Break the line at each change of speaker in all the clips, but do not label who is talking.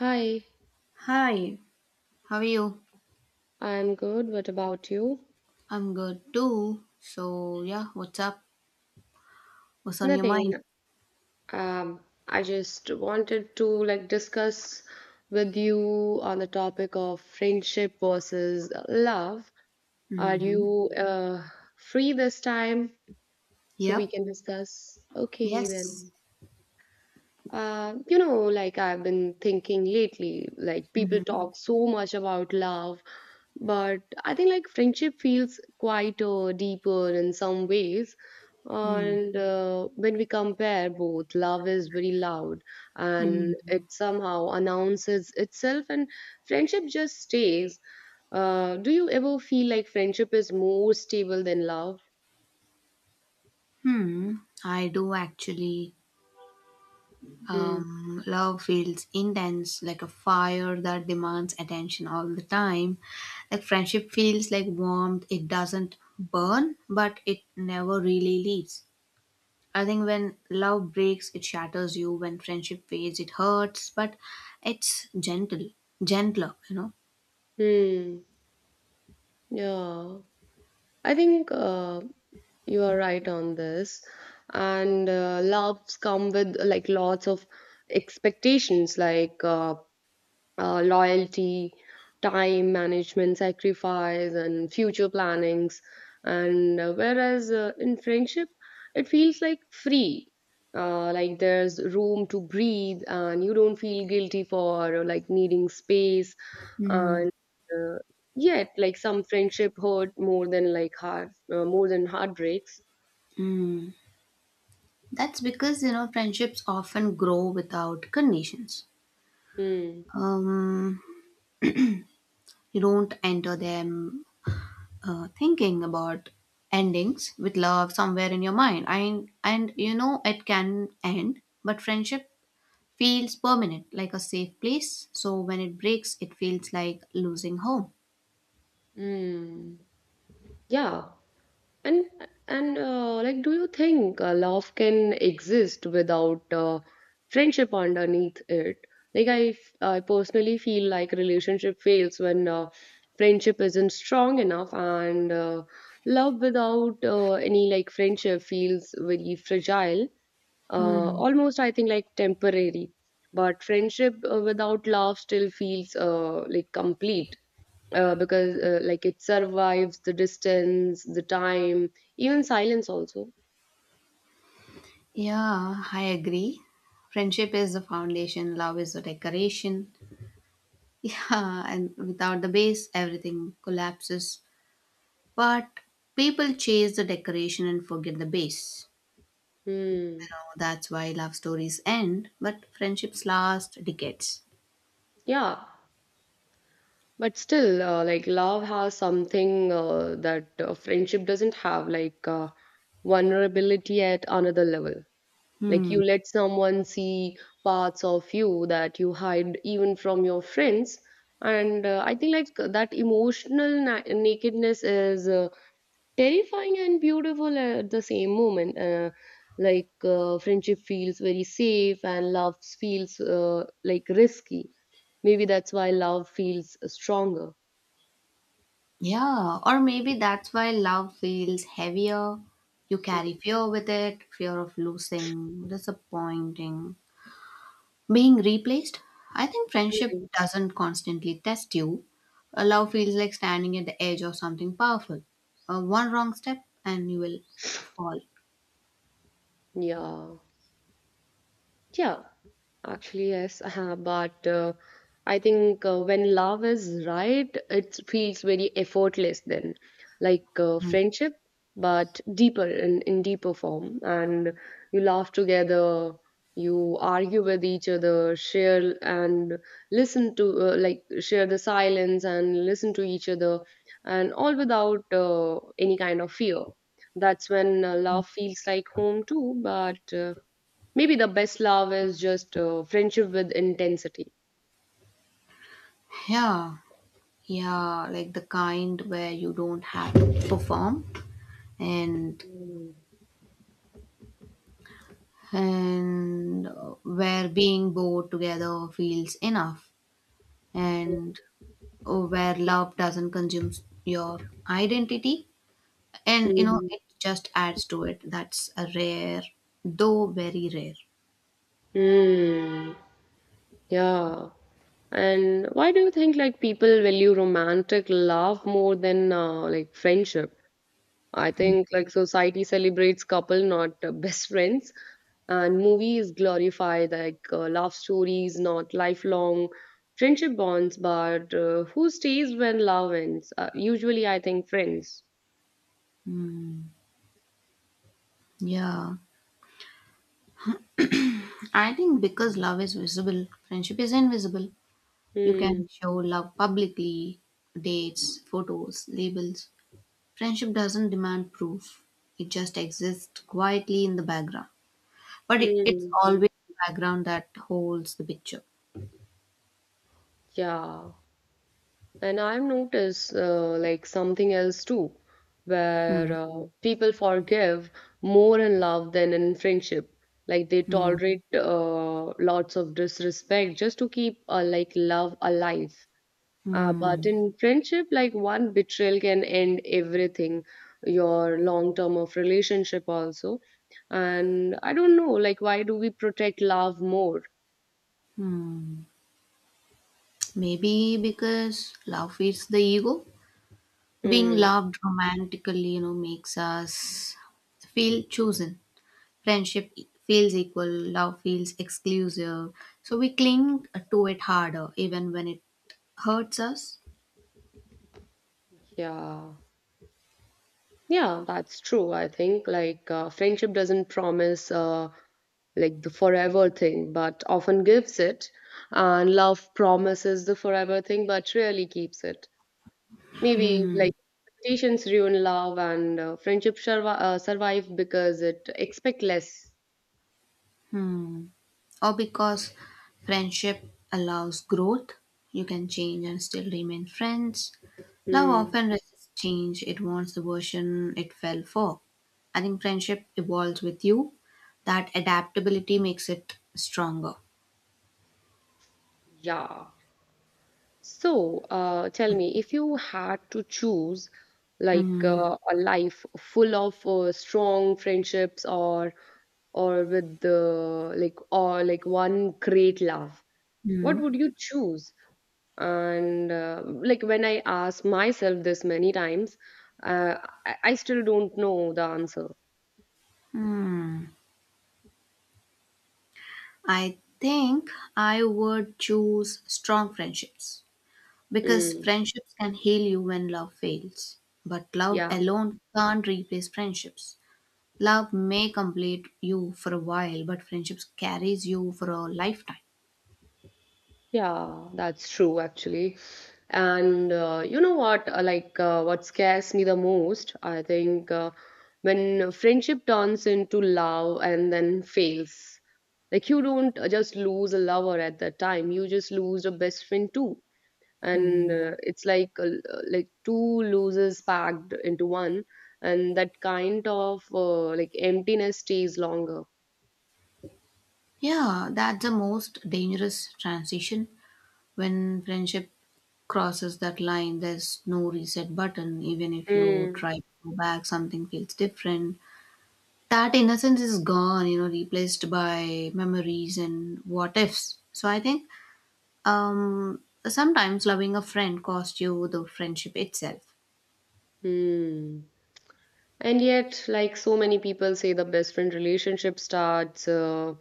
Hi,
Hi, how are you?
I'm good. What about you?
I'm good too. So, yeah, what's up? What's on your
Nothing.
mind?
Um, I just wanted to like discuss with you on the topic of friendship versus love. Are
Mm-hmm.
you free this time so we
Yep.
can discuss? Okay,
Yes.
then. Like I've been thinking lately, like people
Mm-hmm.
talk so much about love, but I think like friendship feels quite deeper in some ways.
Mm-hmm.
And when we compare both, love is very loud
hmm
and it somehow announces itself, and friendship just stays. Do you ever feel like friendship is more stable than love?
Hmm. I do actually.
Hmm.
Love feels intense, like a fire that demands attention all the time. Like friendship feels like warmth, it doesn't burn, but it never really leaves. I think when love breaks, it shatters you. When friendship fades, it hurts, but it's gentle, gentler, you know.
Hmm. Yeah. I think you are right on this. And loves come with like lots of expectations, like loyalty, time management, sacrifice, and future plannings. And whereas in friendship, it feels like free. Like there's room to breathe, and you don't feel guilty for like needing space.
Mm,
And uh, yet, like some friendship hurt more than like heart, more than heartbreaks.
mm. That's because, you know, friendships often grow without conditions.
Mm,
Um, you don't enter them thinking about endings with love somewhere in your mind. And you know, it can end, but friendship feels permanent, like a safe place. So when it breaks, it feels like losing home.
mm. Yeah. And and like, do you think love can exist without friendship underneath it? Like, I personally feel like relationship fails when friendship isn't strong enough, and love without any like friendship feels very fragile. Uh,
Hmm.
almost, I think like temporary. But friendship without love still feels like complete because like it survives the distance, the time, even silence also.
Yeah, I agree. Friendship is the foundation, love is the decoration. Yeah, and without the base, everything collapses. But people chase the decoration and forget the base.
Hmm.
You know, that's why love stories end, but friendships last decades.
Yeah, but still, like love has something that friendship doesn't have, like vulnerability at another level. Like
Hmm.
you let someone see parts of you that you hide even from your friends. And I think like that emotional nakedness is terrifying and beautiful at the same moment. Friendship feels very safe and love feels like risky. Maybe that's why love feels stronger.
Yeah, or maybe that's why love feels heavier. You carry fear with it, fear of losing, disappointing, being replaced? I think friendship
Mm.
doesn't constantly test you. A love feels like standing at the edge of something powerful. One wrong step and you will fall.
Yeah. Yeah. Actually, yes, but I think when love is right, it feels very effortless then, like
Mm.
friendship, but deeper in deeper form. And you laugh together, you argue with each other, share and listen to, like, share the silence and listen to each other, and all without any kind of fear. That's when love feels like home too, but maybe the best love is just friendship with intensity.
Yeah, yeah, like the kind where you don't have to perform and and where being bored together feels enough and where love doesn't consume your identity, and you know
Mm.
it just adds to it. That's a rare, though very rare.
Mm. Yeah. And why do you think like people value romantic love more than like friendship? I think like society celebrates couple, not best friends, and movies glorify like love stories, not lifelong friendship bonds. But who stays when love ends? Usually, I think friends.
Hmm. Yeah, I think because love is visible, friendship is invisible. You can
Hmm.
show love publicly, dates, photos, labels. Friendship doesn't demand proof, it just exists quietly in the background. But it's
Hmm.
always the background that holds the picture.
Yeah. And I've noticed like something else too,
Hmm.
where people forgive more in love than in friendship. Like they
Hmm.
tolerate lots of disrespect just to keep like love alive. But
Hmm.
in friendship, like one betrayal can end everything, your long term of relationship also. And I don't know, like why do we protect love more?
Hmm. Maybe because love feeds the ego. Being
Mm,
loved romantically, you know, makes us feel chosen. Friendship feels equal, love feels exclusive. So we cling to it harder, even when it hurts us.
yeah. Yeah, that's true. I think like friendship doesn't promise like the forever thing, but often gives it. And love promises the forever thing, but rarely keeps it. Maybe like expectations ruin love, and friendship survive because it expect less.
Hmm. Or because friendship allows growth, you can change and still remain friends. Love
Hmm.
often resists change, it wants the version it fell for. I think friendship evolves with you. That adaptability makes it stronger.
Yeah. So, tell me, if you had to choose like a life full of strong friendships or with the like or like one great love, what
Hmm.
would you choose? And like when I ask myself this many times, uh, I still don't know the answer.
Hmm, I think I would choose strong friendships because
Mm,
friendships can heal you when love fails, but love
yeah.
alone can't replace friendships. Love may complete you for a while, but friendships carries you for a lifetime.
Yeah, that's true actually. And you know what? Like, what scares me the most, I think, when friendship turns into love and then fails. Like, you don't just lose a lover at that time, you just lose a best friend too. And
Hmm.
it's like two losers packed into one, and that kind of like emptiness stays longer.
Yeah, that's the most dangerous transition when friendship crosses that line. There's no reset button, even if you
Mm.
try to go back, something feels different. That innocence is gone, you know, replaced by memories and what ifs. So I think, um sometimes loving a friend costs you the friendship itself.
Hmm. And yet, like so many people say, the best friend relationship starts, uh,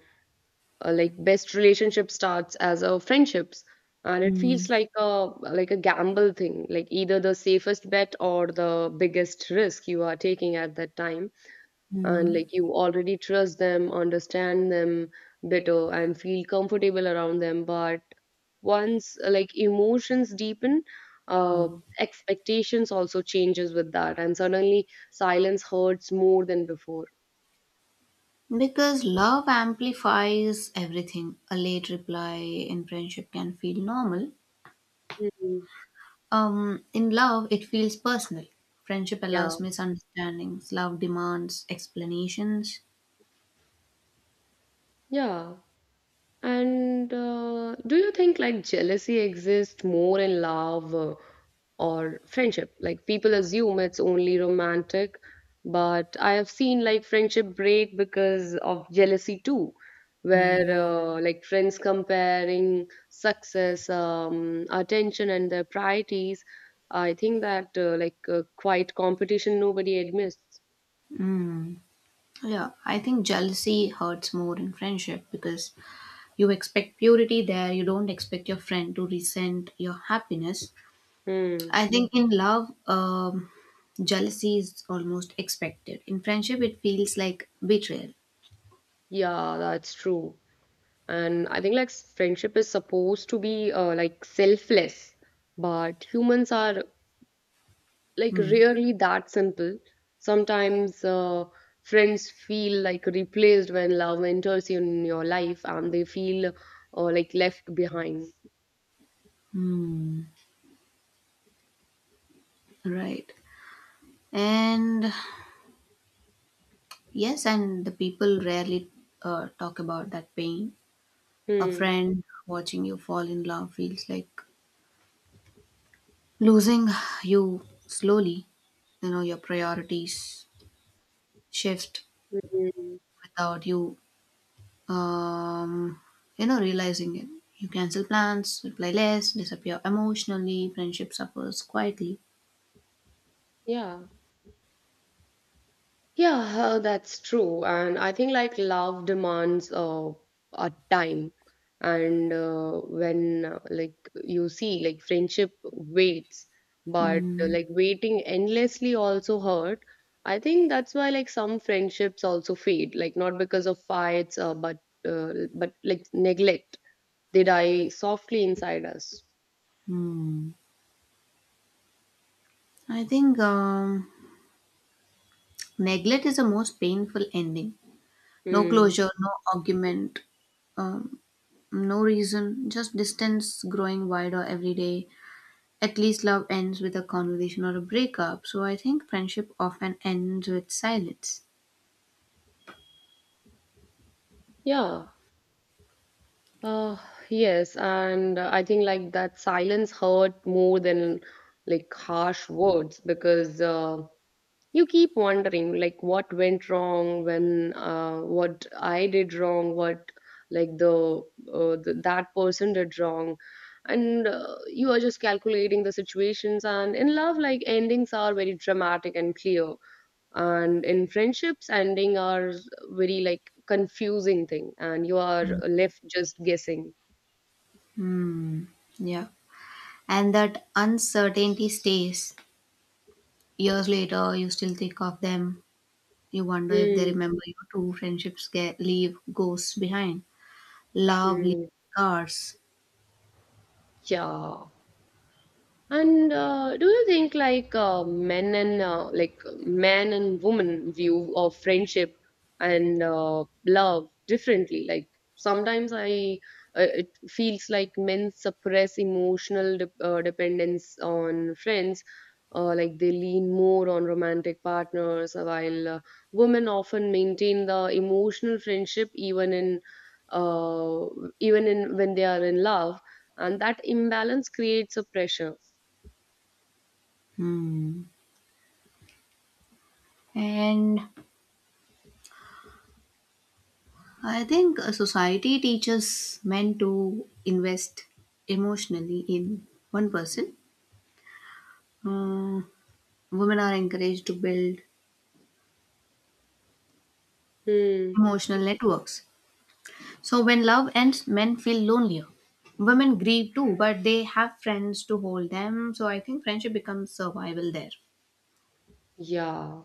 uh, like best relationship starts as a friendships, and it feels like a gamble thing, like either the safest bet or the biggest risk you are taking at that time and
Mm-hmm.
like you already trust them, understand them better, and feel comfortable around them. But once like emotions deepen, uh, expectations also changes with that, and suddenly silence hurts more than before.
Because love amplifies everything. A late reply in friendship can feel normal,
Mhm.
in love it feels personal. Friendship
Yeah,
allows misunderstandings, love demands explanations.
yeah. And do you think like jealousy exists more in love or friendship? Like people assume it's only romantic, but I have seen like friendship break because of jealousy too, where like friends comparing success, attention, and their priorities. I think that like quite competition nobody admits.
Mm. Yeah, I think jealousy hurts more in friendship because you expect purity there, you don't expect your friend to resent your happiness.
Hmm.
I think in love, jealousy is almost expected. In friendship, it feels like betrayal.
Yeah, that's true. And I think like friendship is supposed to be like selfless, but humans are like
Hmm.
rarely that simple. Sometimes friends feel like replaced when love enters in your life, and they feel like left behind.
Hmm. Right. And yes, and the people rarely talk about that pain. A
Hmm.
friend watching you fall in love feels like losing you slowly. You know, your priorities shift
Hmm.
without you, um you know, realizing it. You cancel plans, reply less, disappear emotionally. Friendship suffers quietly.
Yeah. Yeah, that's true. And I think like love demands a time. And when like you see like friendship waits, but
Hmm.
like waiting endlessly also hurt. I think that's why like some friendships also fade, like not because of fights, but like neglect. They die softly inside us.
Hmm. I think, neglect is the most painful ending. No
Mm.
closure, no argument, um, no reason, just distance growing wider every day. At least love ends with a conversation or a breakup. So I think friendship often ends with silence.
Yeah. Uh, yes, and I think like that silence hurt more than like harsh words because you keep wondering like what went wrong when what I did wrong, what like the that person did wrong, and you are just calculating the situations. And in love, like endings are very dramatic and clear, and in friendships, ending are very like confusing thing, and you are left just guessing.
Hmm. Yeah. And that uncertainty stays. Years later, you still think of them. You wonder if they
嗯
remember you too. Friendships get, leave ghosts behind. Love leaves
嗯，
scars.
叫 And do you think like men and like man and woman view of friendship and love differently? Like sometimes I it feels like men suppress emotional de dependence on friends, like they lean more on romantic partners, while women often maintain the emotional friendship uh, even in when they are in love, and that imbalance creates a pressure.
Hmm. And I think society teaches men to invest emotionally in one person. Mm, women are encouraged to build
Hmm.
emotional networks. So when love ends, men feel lonelier. Women grieve too, but they have friends to hold them. So I think friendship becomes survival there.
Yeah.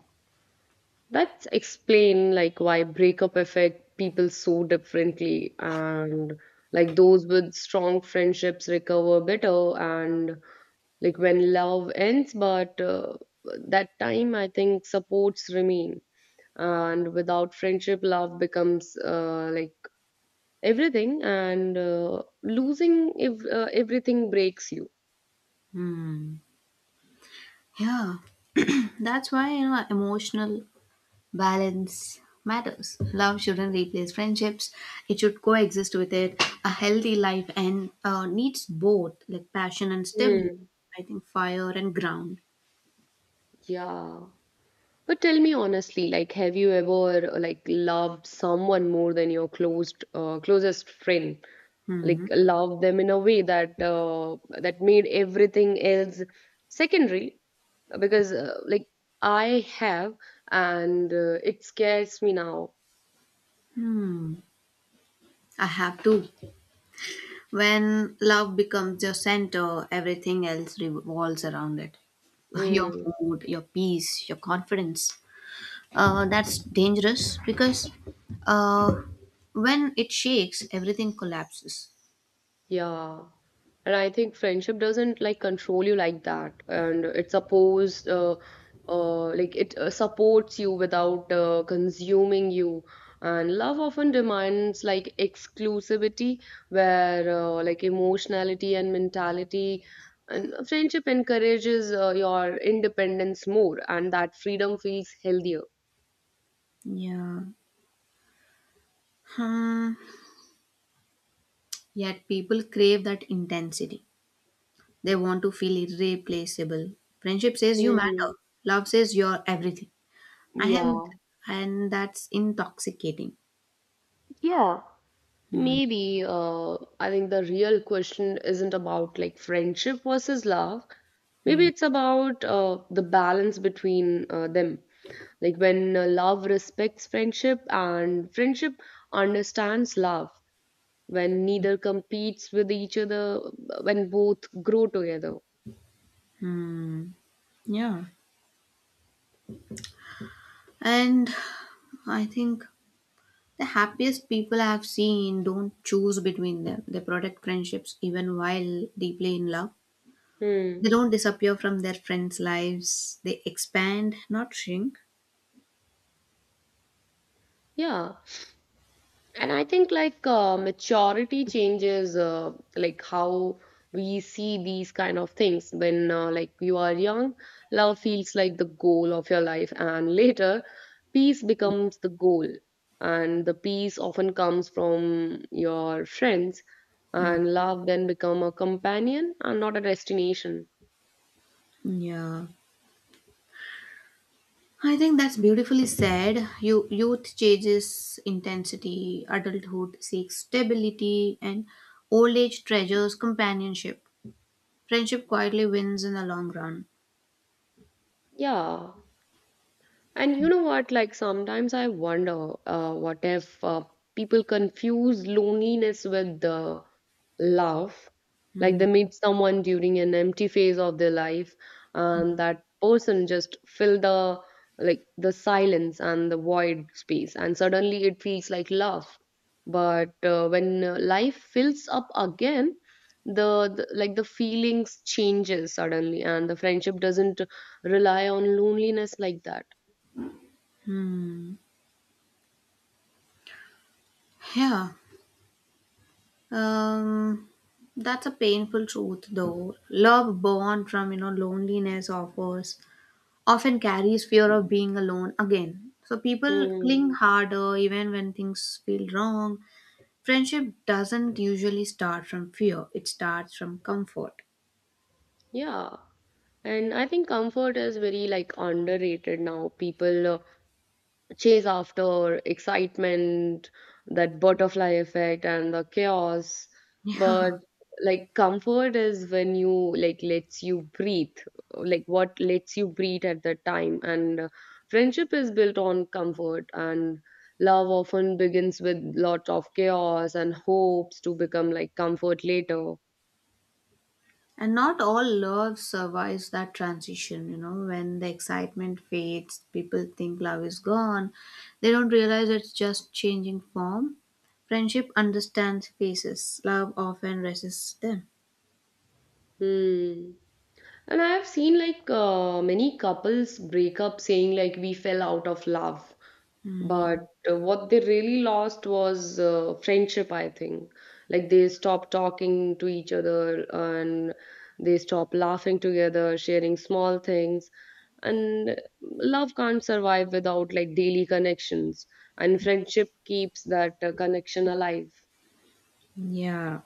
That's explain like why breakup affect people so differently and like those with strong friendships recover better and like when love ends but that time I think supports remain and without friendship love becomes like everything and losing if everything breaks you.
Hmm. Yeah, that's why, you know, emotional balance matters. Love shouldn't replace friendships; it should coexist with it. A healthy life and needs both, like passion and stability.
Hmm.
I think fire and ground.
Yeah. But tell me honestly, like, have you ever like loved someone more than your closed closest friend? Like,
Hmm.
loved them in a way that that made everything else secondary? Because like I have, and it scares me now.
I have to. When love becomes your center, everything else revolves around it. Your
Hmm.
mood, your peace, your confidence. That's dangerous because uh, when it shakes, everything collapses.
Yeah. And I think friendship doesn't like control you like that. And it supports like it supports you without consuming you. And love often demands like exclusivity, where like emotionality and mentality. And friendship encourages your independence more, and that freedom feels healthier.
Yeah. Hmm. Yet people crave that intensity. They want to feel irreplaceable. Friendship says you matter.
Mm.
Love says you're everything. And
Yeah.
and that's intoxicating.
Yeah,
Hmm.
maybe I think the real question isn't about like friendship versus love. Maybe
Hmm.
it's about the balance between them. Like when love respects friendship and friendship understands love, when neither competes with each other, when both grow together.
Yeah. And I think the happiest people I've seen don't choose between them. They protect friendships even while deeply in love.
Hmm.
They don't disappear from their friends' lives. They expand, not shrink.
Yeah. And I think like maturity changes like how we see these kind of things. When like you are young, love feels like the goal of your life, and later, peace becomes the goal. And the peace often comes from your friends, and love then become a companion and not a destination.
Yeah. I think that's beautifully said. Youth changes intensity, adulthood seeks stability, and old age treasures companionship. Friendship quietly wins in the long run.
Yeah. And you know what? Like sometimes I wonder, what if people confuse loneliness with the love? Like
Hmm.
they meet someone during an empty phase of their life, and that person just fill the silence and the void space, and suddenly it feels like love. But when life fills up again, the feelings changes suddenly, and the friendship doesn't rely on loneliness like that.
Yeah. Um, that's a painful truth, though. Love born from, you know, loneliness offers often carries fear of being alone again. So people
Mm,
cling harder even when things feel wrong. Friendship doesn't usually start from fear; it starts from comfort.
yeah. And I think comfort is very like underrated now. People chase after excitement, that butterfly effect and the chaos. But
Yeah.
like comfort is when you like lets you breathe, like what lets you breathe at that time. And friendship is built on comfort and love often begins with lots of chaos and hopes to become like comfort later.
And not all love survives that transition, you know, when the excitement fades, people think love is gone. They don't realize it's just changing form. Friendship understands faces, love often resists them.
Hmm. And I have seen like many couples break up saying like we fell out of love, but what they really lost was friendship, I think. Like they stopped talking to each other and they stopped laughing together, sharing small things. And love can't survive without like daily connections, and friendship keeps that connection alive.
Yeah.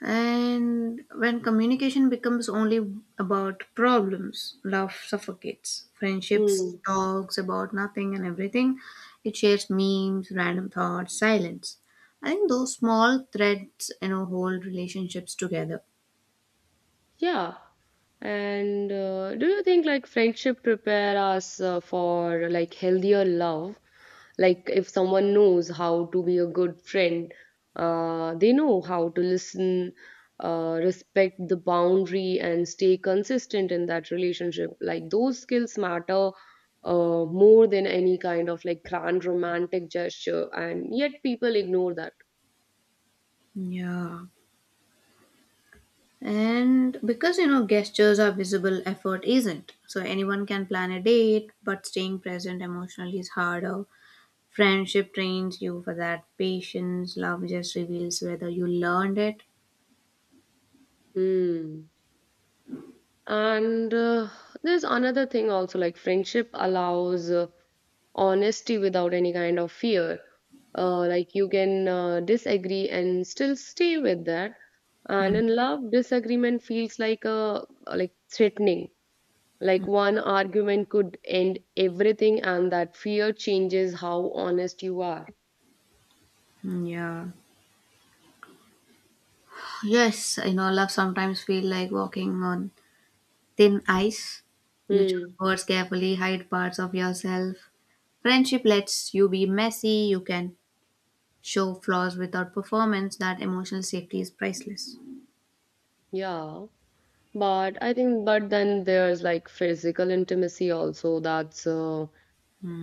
And when communication becomes only about problems, love suffocates. Friendships
Hmm.
talks about nothing and everything. It shares memes, random thoughts, silence. I think those small threads, you know, hold relationships together.
Yeah. And Do you think like friendship prepare us for like healthier love? Like if someone knows how to be a good friend, they know how to listen, respect the boundary, and stay consistent in that relationship. Like those skills matter more than any kind of like grand romantic gesture, and yet people ignore that.
Yeah. And because, you know, gestures are visible, effort isn't. So anyone can plan a date, but staying present emotionally is harder. Friendship trains you for that patience. Love just reveals whether you learned it.
Hmm. And There's another thing also like friendship allows honesty without any kind of fear. Like you can disagree and still stay with that. And
Hmm.
in love, disagreement feels like a like threatening. Like one argument could end everything, and that fear changes how honest you are.
Hmm, yeah. Yes, you know, love sometimes feel like walking on thin ice. You
Hmm.
choose words carefully, hide parts of yourself. Friendship lets you be messy. You can show flaws without performance. That emotional safety is priceless.
Yeah. But I think, but then there's like physical intimacy also. That's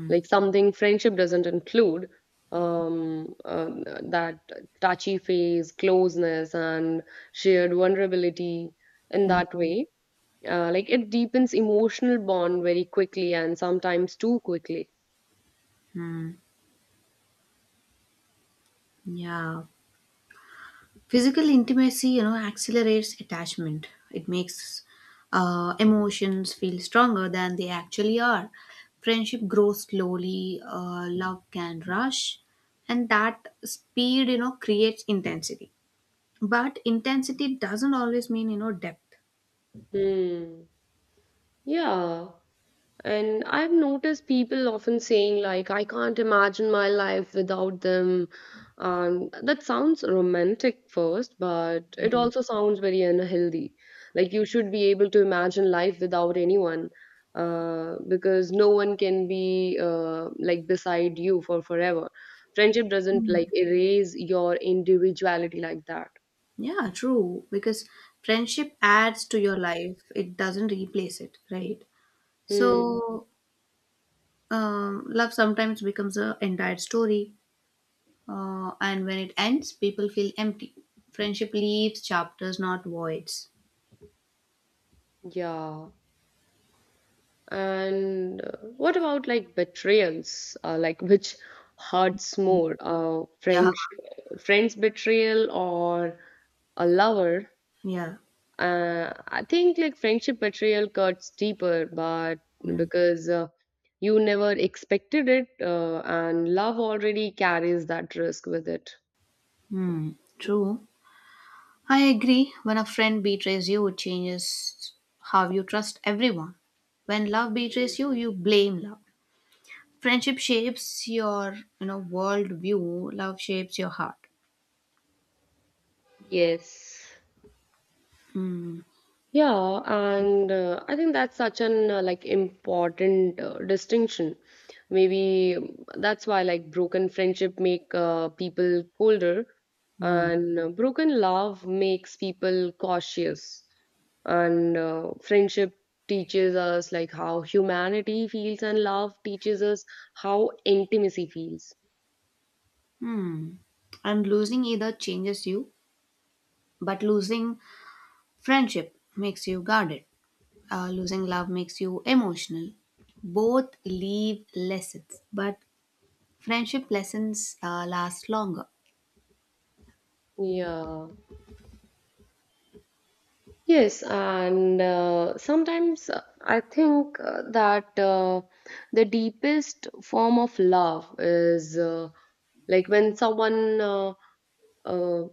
like something friendship doesn't include um uh, that touchy phase closeness and shared vulnerability in that way like it deepens emotional bond very quickly and sometimes too quickly.
Hmm. Yeah. Physical intimacy, you know, accelerates attachment. It makes emotions feel stronger than they actually are. Friendship grows slowly, love can rush, and that speed, you know, creates intensity. But intensity doesn't always mean, you know, depth.
Hmm. Yeah. And I've noticed people often saying, like, I can't imagine my life without them. That sounds romantic first, but it also sounds very unhealthy. Like, you should be able to imagine life without anyone, because no one can be like beside you for forever. Friendship doesn't like erase your individuality like that.
Yeah, true. Because friendship adds to your life, it doesn't replace it, right?
Hmm.
So, love sometimes becomes a entire story. And when it ends, people feel empty. Friendship leaves chapters, not voids.
Yeah. And What about like betrayals? Like which hurts more,
Yeah,
friends betrayal or a lover?
yeah.
I think like friendship betrayal cuts deeper, but because you never expected it, and love already carries that risk with it.
Hmm. True. I agree. When a friend betrays you, it changes how you trust everyone. When love betrays you, you blame love. Friendship shapes your, you know, world view. Love shapes your heart.
Yes.
Hmm.
Yeah, and I think that's such an like important distinction. Maybe that's why like broken friendship make people colder,
Hmm.
and broken love makes people cautious. And friendship teaches us like how humanity feels, and love teaches us how intimacy feels.
Hmm. And losing either changes you, but losing friendship makes you guarded. Losing love makes you emotional. Both leave lessons, but friendship lessons last longer.
Yeah. Yes, and sometimes I think that the deepest form of love is like when someone uh,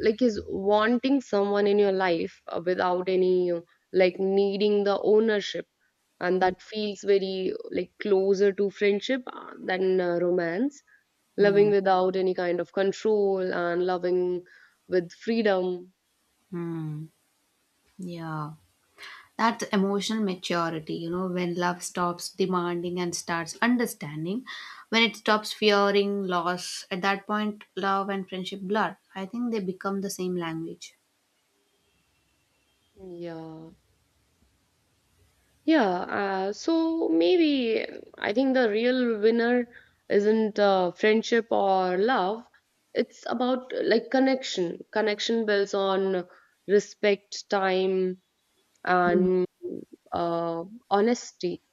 like is wanting someone in your life without any like needing the ownership, and that feels very like closer to friendship than romance.
Hmm.
Loving without any kind of control and loving with freedom.
Hmm. Yeah. That's emotional maturity, you know, when love stops demanding and starts understanding, when it stops fearing loss, at that point, love and friendship blur. I think they become the same language.
Yeah. Yeah, so maybe I think the real winner isn't friendship or love. It's about like connection. Connection builds on respect, time,
Mm.
and uh, honesty,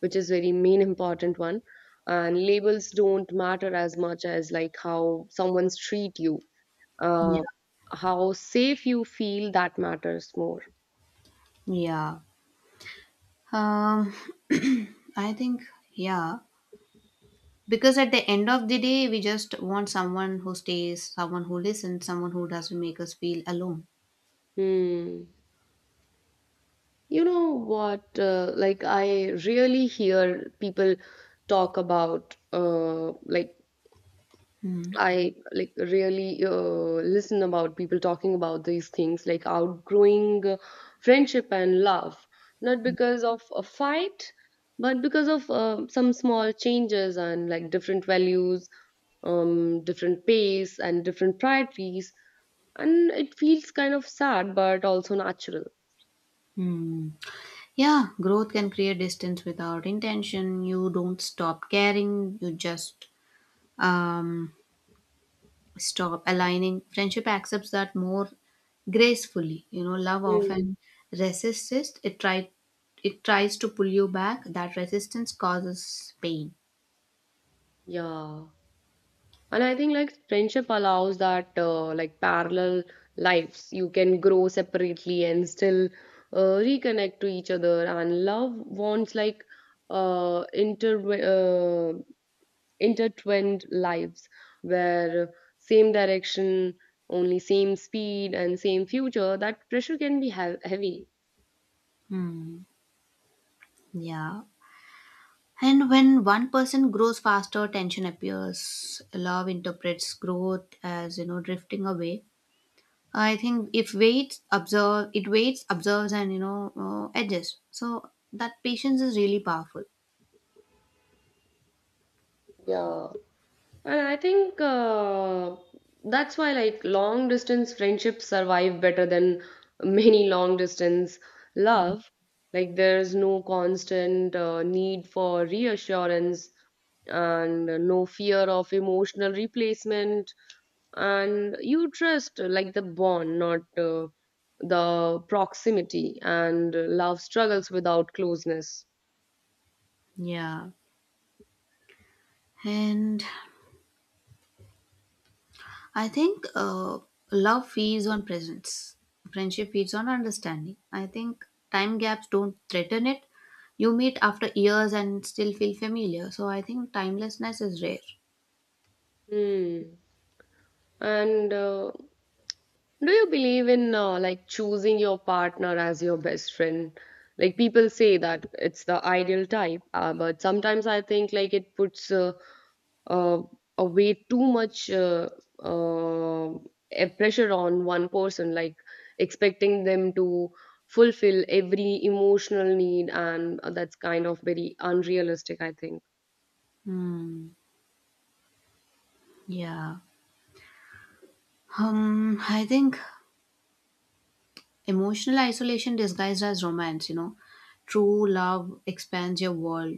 which is very main important one. And labels don't matter as much as like how someone's treat you, uh,
Yeah.
how safe you feel that matters more.
Yeah. Um, I think, yeah. Because at the end of the day we just want someone who stays, someone who listens, someone who doesn't make us feel alone.
Hmm. You know what? Like, I really hear people talk about, like, I like really listen about people talking about these things, like outgrowing friendship and love, not because of a fight, but because of some small changes and like different values, different pace, and different priorities. And it feels kind of sad, but also natural.
Mm-hmm. Yeah, growth can create distance without intention. You don't stop caring, you just, um, stop aligning. Friendship accepts that more gracefully, you know. Love
Mm.
often resists it. It try It tries to pull you back. That resistance causes pain.
Yeah. And I think like friendship allows that like parallel lives. You can grow separately and still reconnect to each other. And love wants like uh, inter uh, intertwined lives where same direction, only same speed and same future. That pressure can be heavy.
Hmm, yeah. And when one person grows faster, tension appears. Love interprets growth as, you know, drifting away. I think if waits observe, It waits, observes, and, you know, adjusts. So that patience is really powerful.
Yeah. And I think that's why like long distance friendships survive better than many long distance
Mm.
love. Like there's no constant need for reassurance and no fear of emotional replacement, and you trust like the bond, not the proximity, and love struggles without closeness.
Yeah, and I think love feeds on presence. Friendship feeds on understanding. I think time gaps don't threaten it. You meet after years and still feel familiar. So I think timelessness is rare.
Hmm. And Do you believe in like choosing your partner as your best friend? Like people say that it's the ideal type, but sometimes I think like it puts uh, a way too much uh, a pressure on one person, like expecting them to fulfill every emotional need, and that's kind of very unrealistic, I think.
Hmm. Yeah. I think emotional isolation disguised as romance, you know. True love expands your world,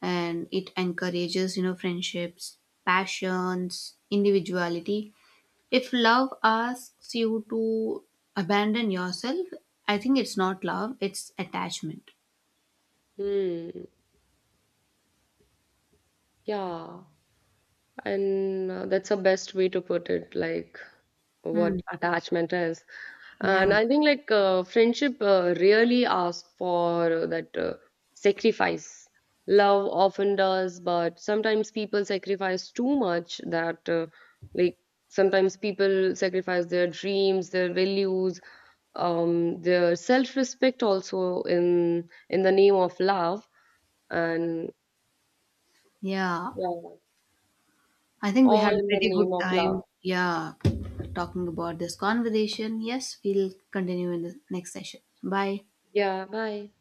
and it encourages, you know, friendships, passions, individuality. If love asks you to abandon yourself, I think it's not love, it's attachment.
Hmm. Yeah. And that's the best way to put it, like
Hmm.
what attachment is.
Yeah.
And I think like friendship really asks for that sacrifice. Love often does, but sometimes people sacrifice too much that like sometimes people sacrifice their dreams, their values, their self-respect also in the name of love and
Yeah.
yeah,
I think we had
all
a
in the
pretty good
name of love.
time. Yeah. Talking about this conversation. Yes, we'll continue in the next session. Bye.
Yeah, bye.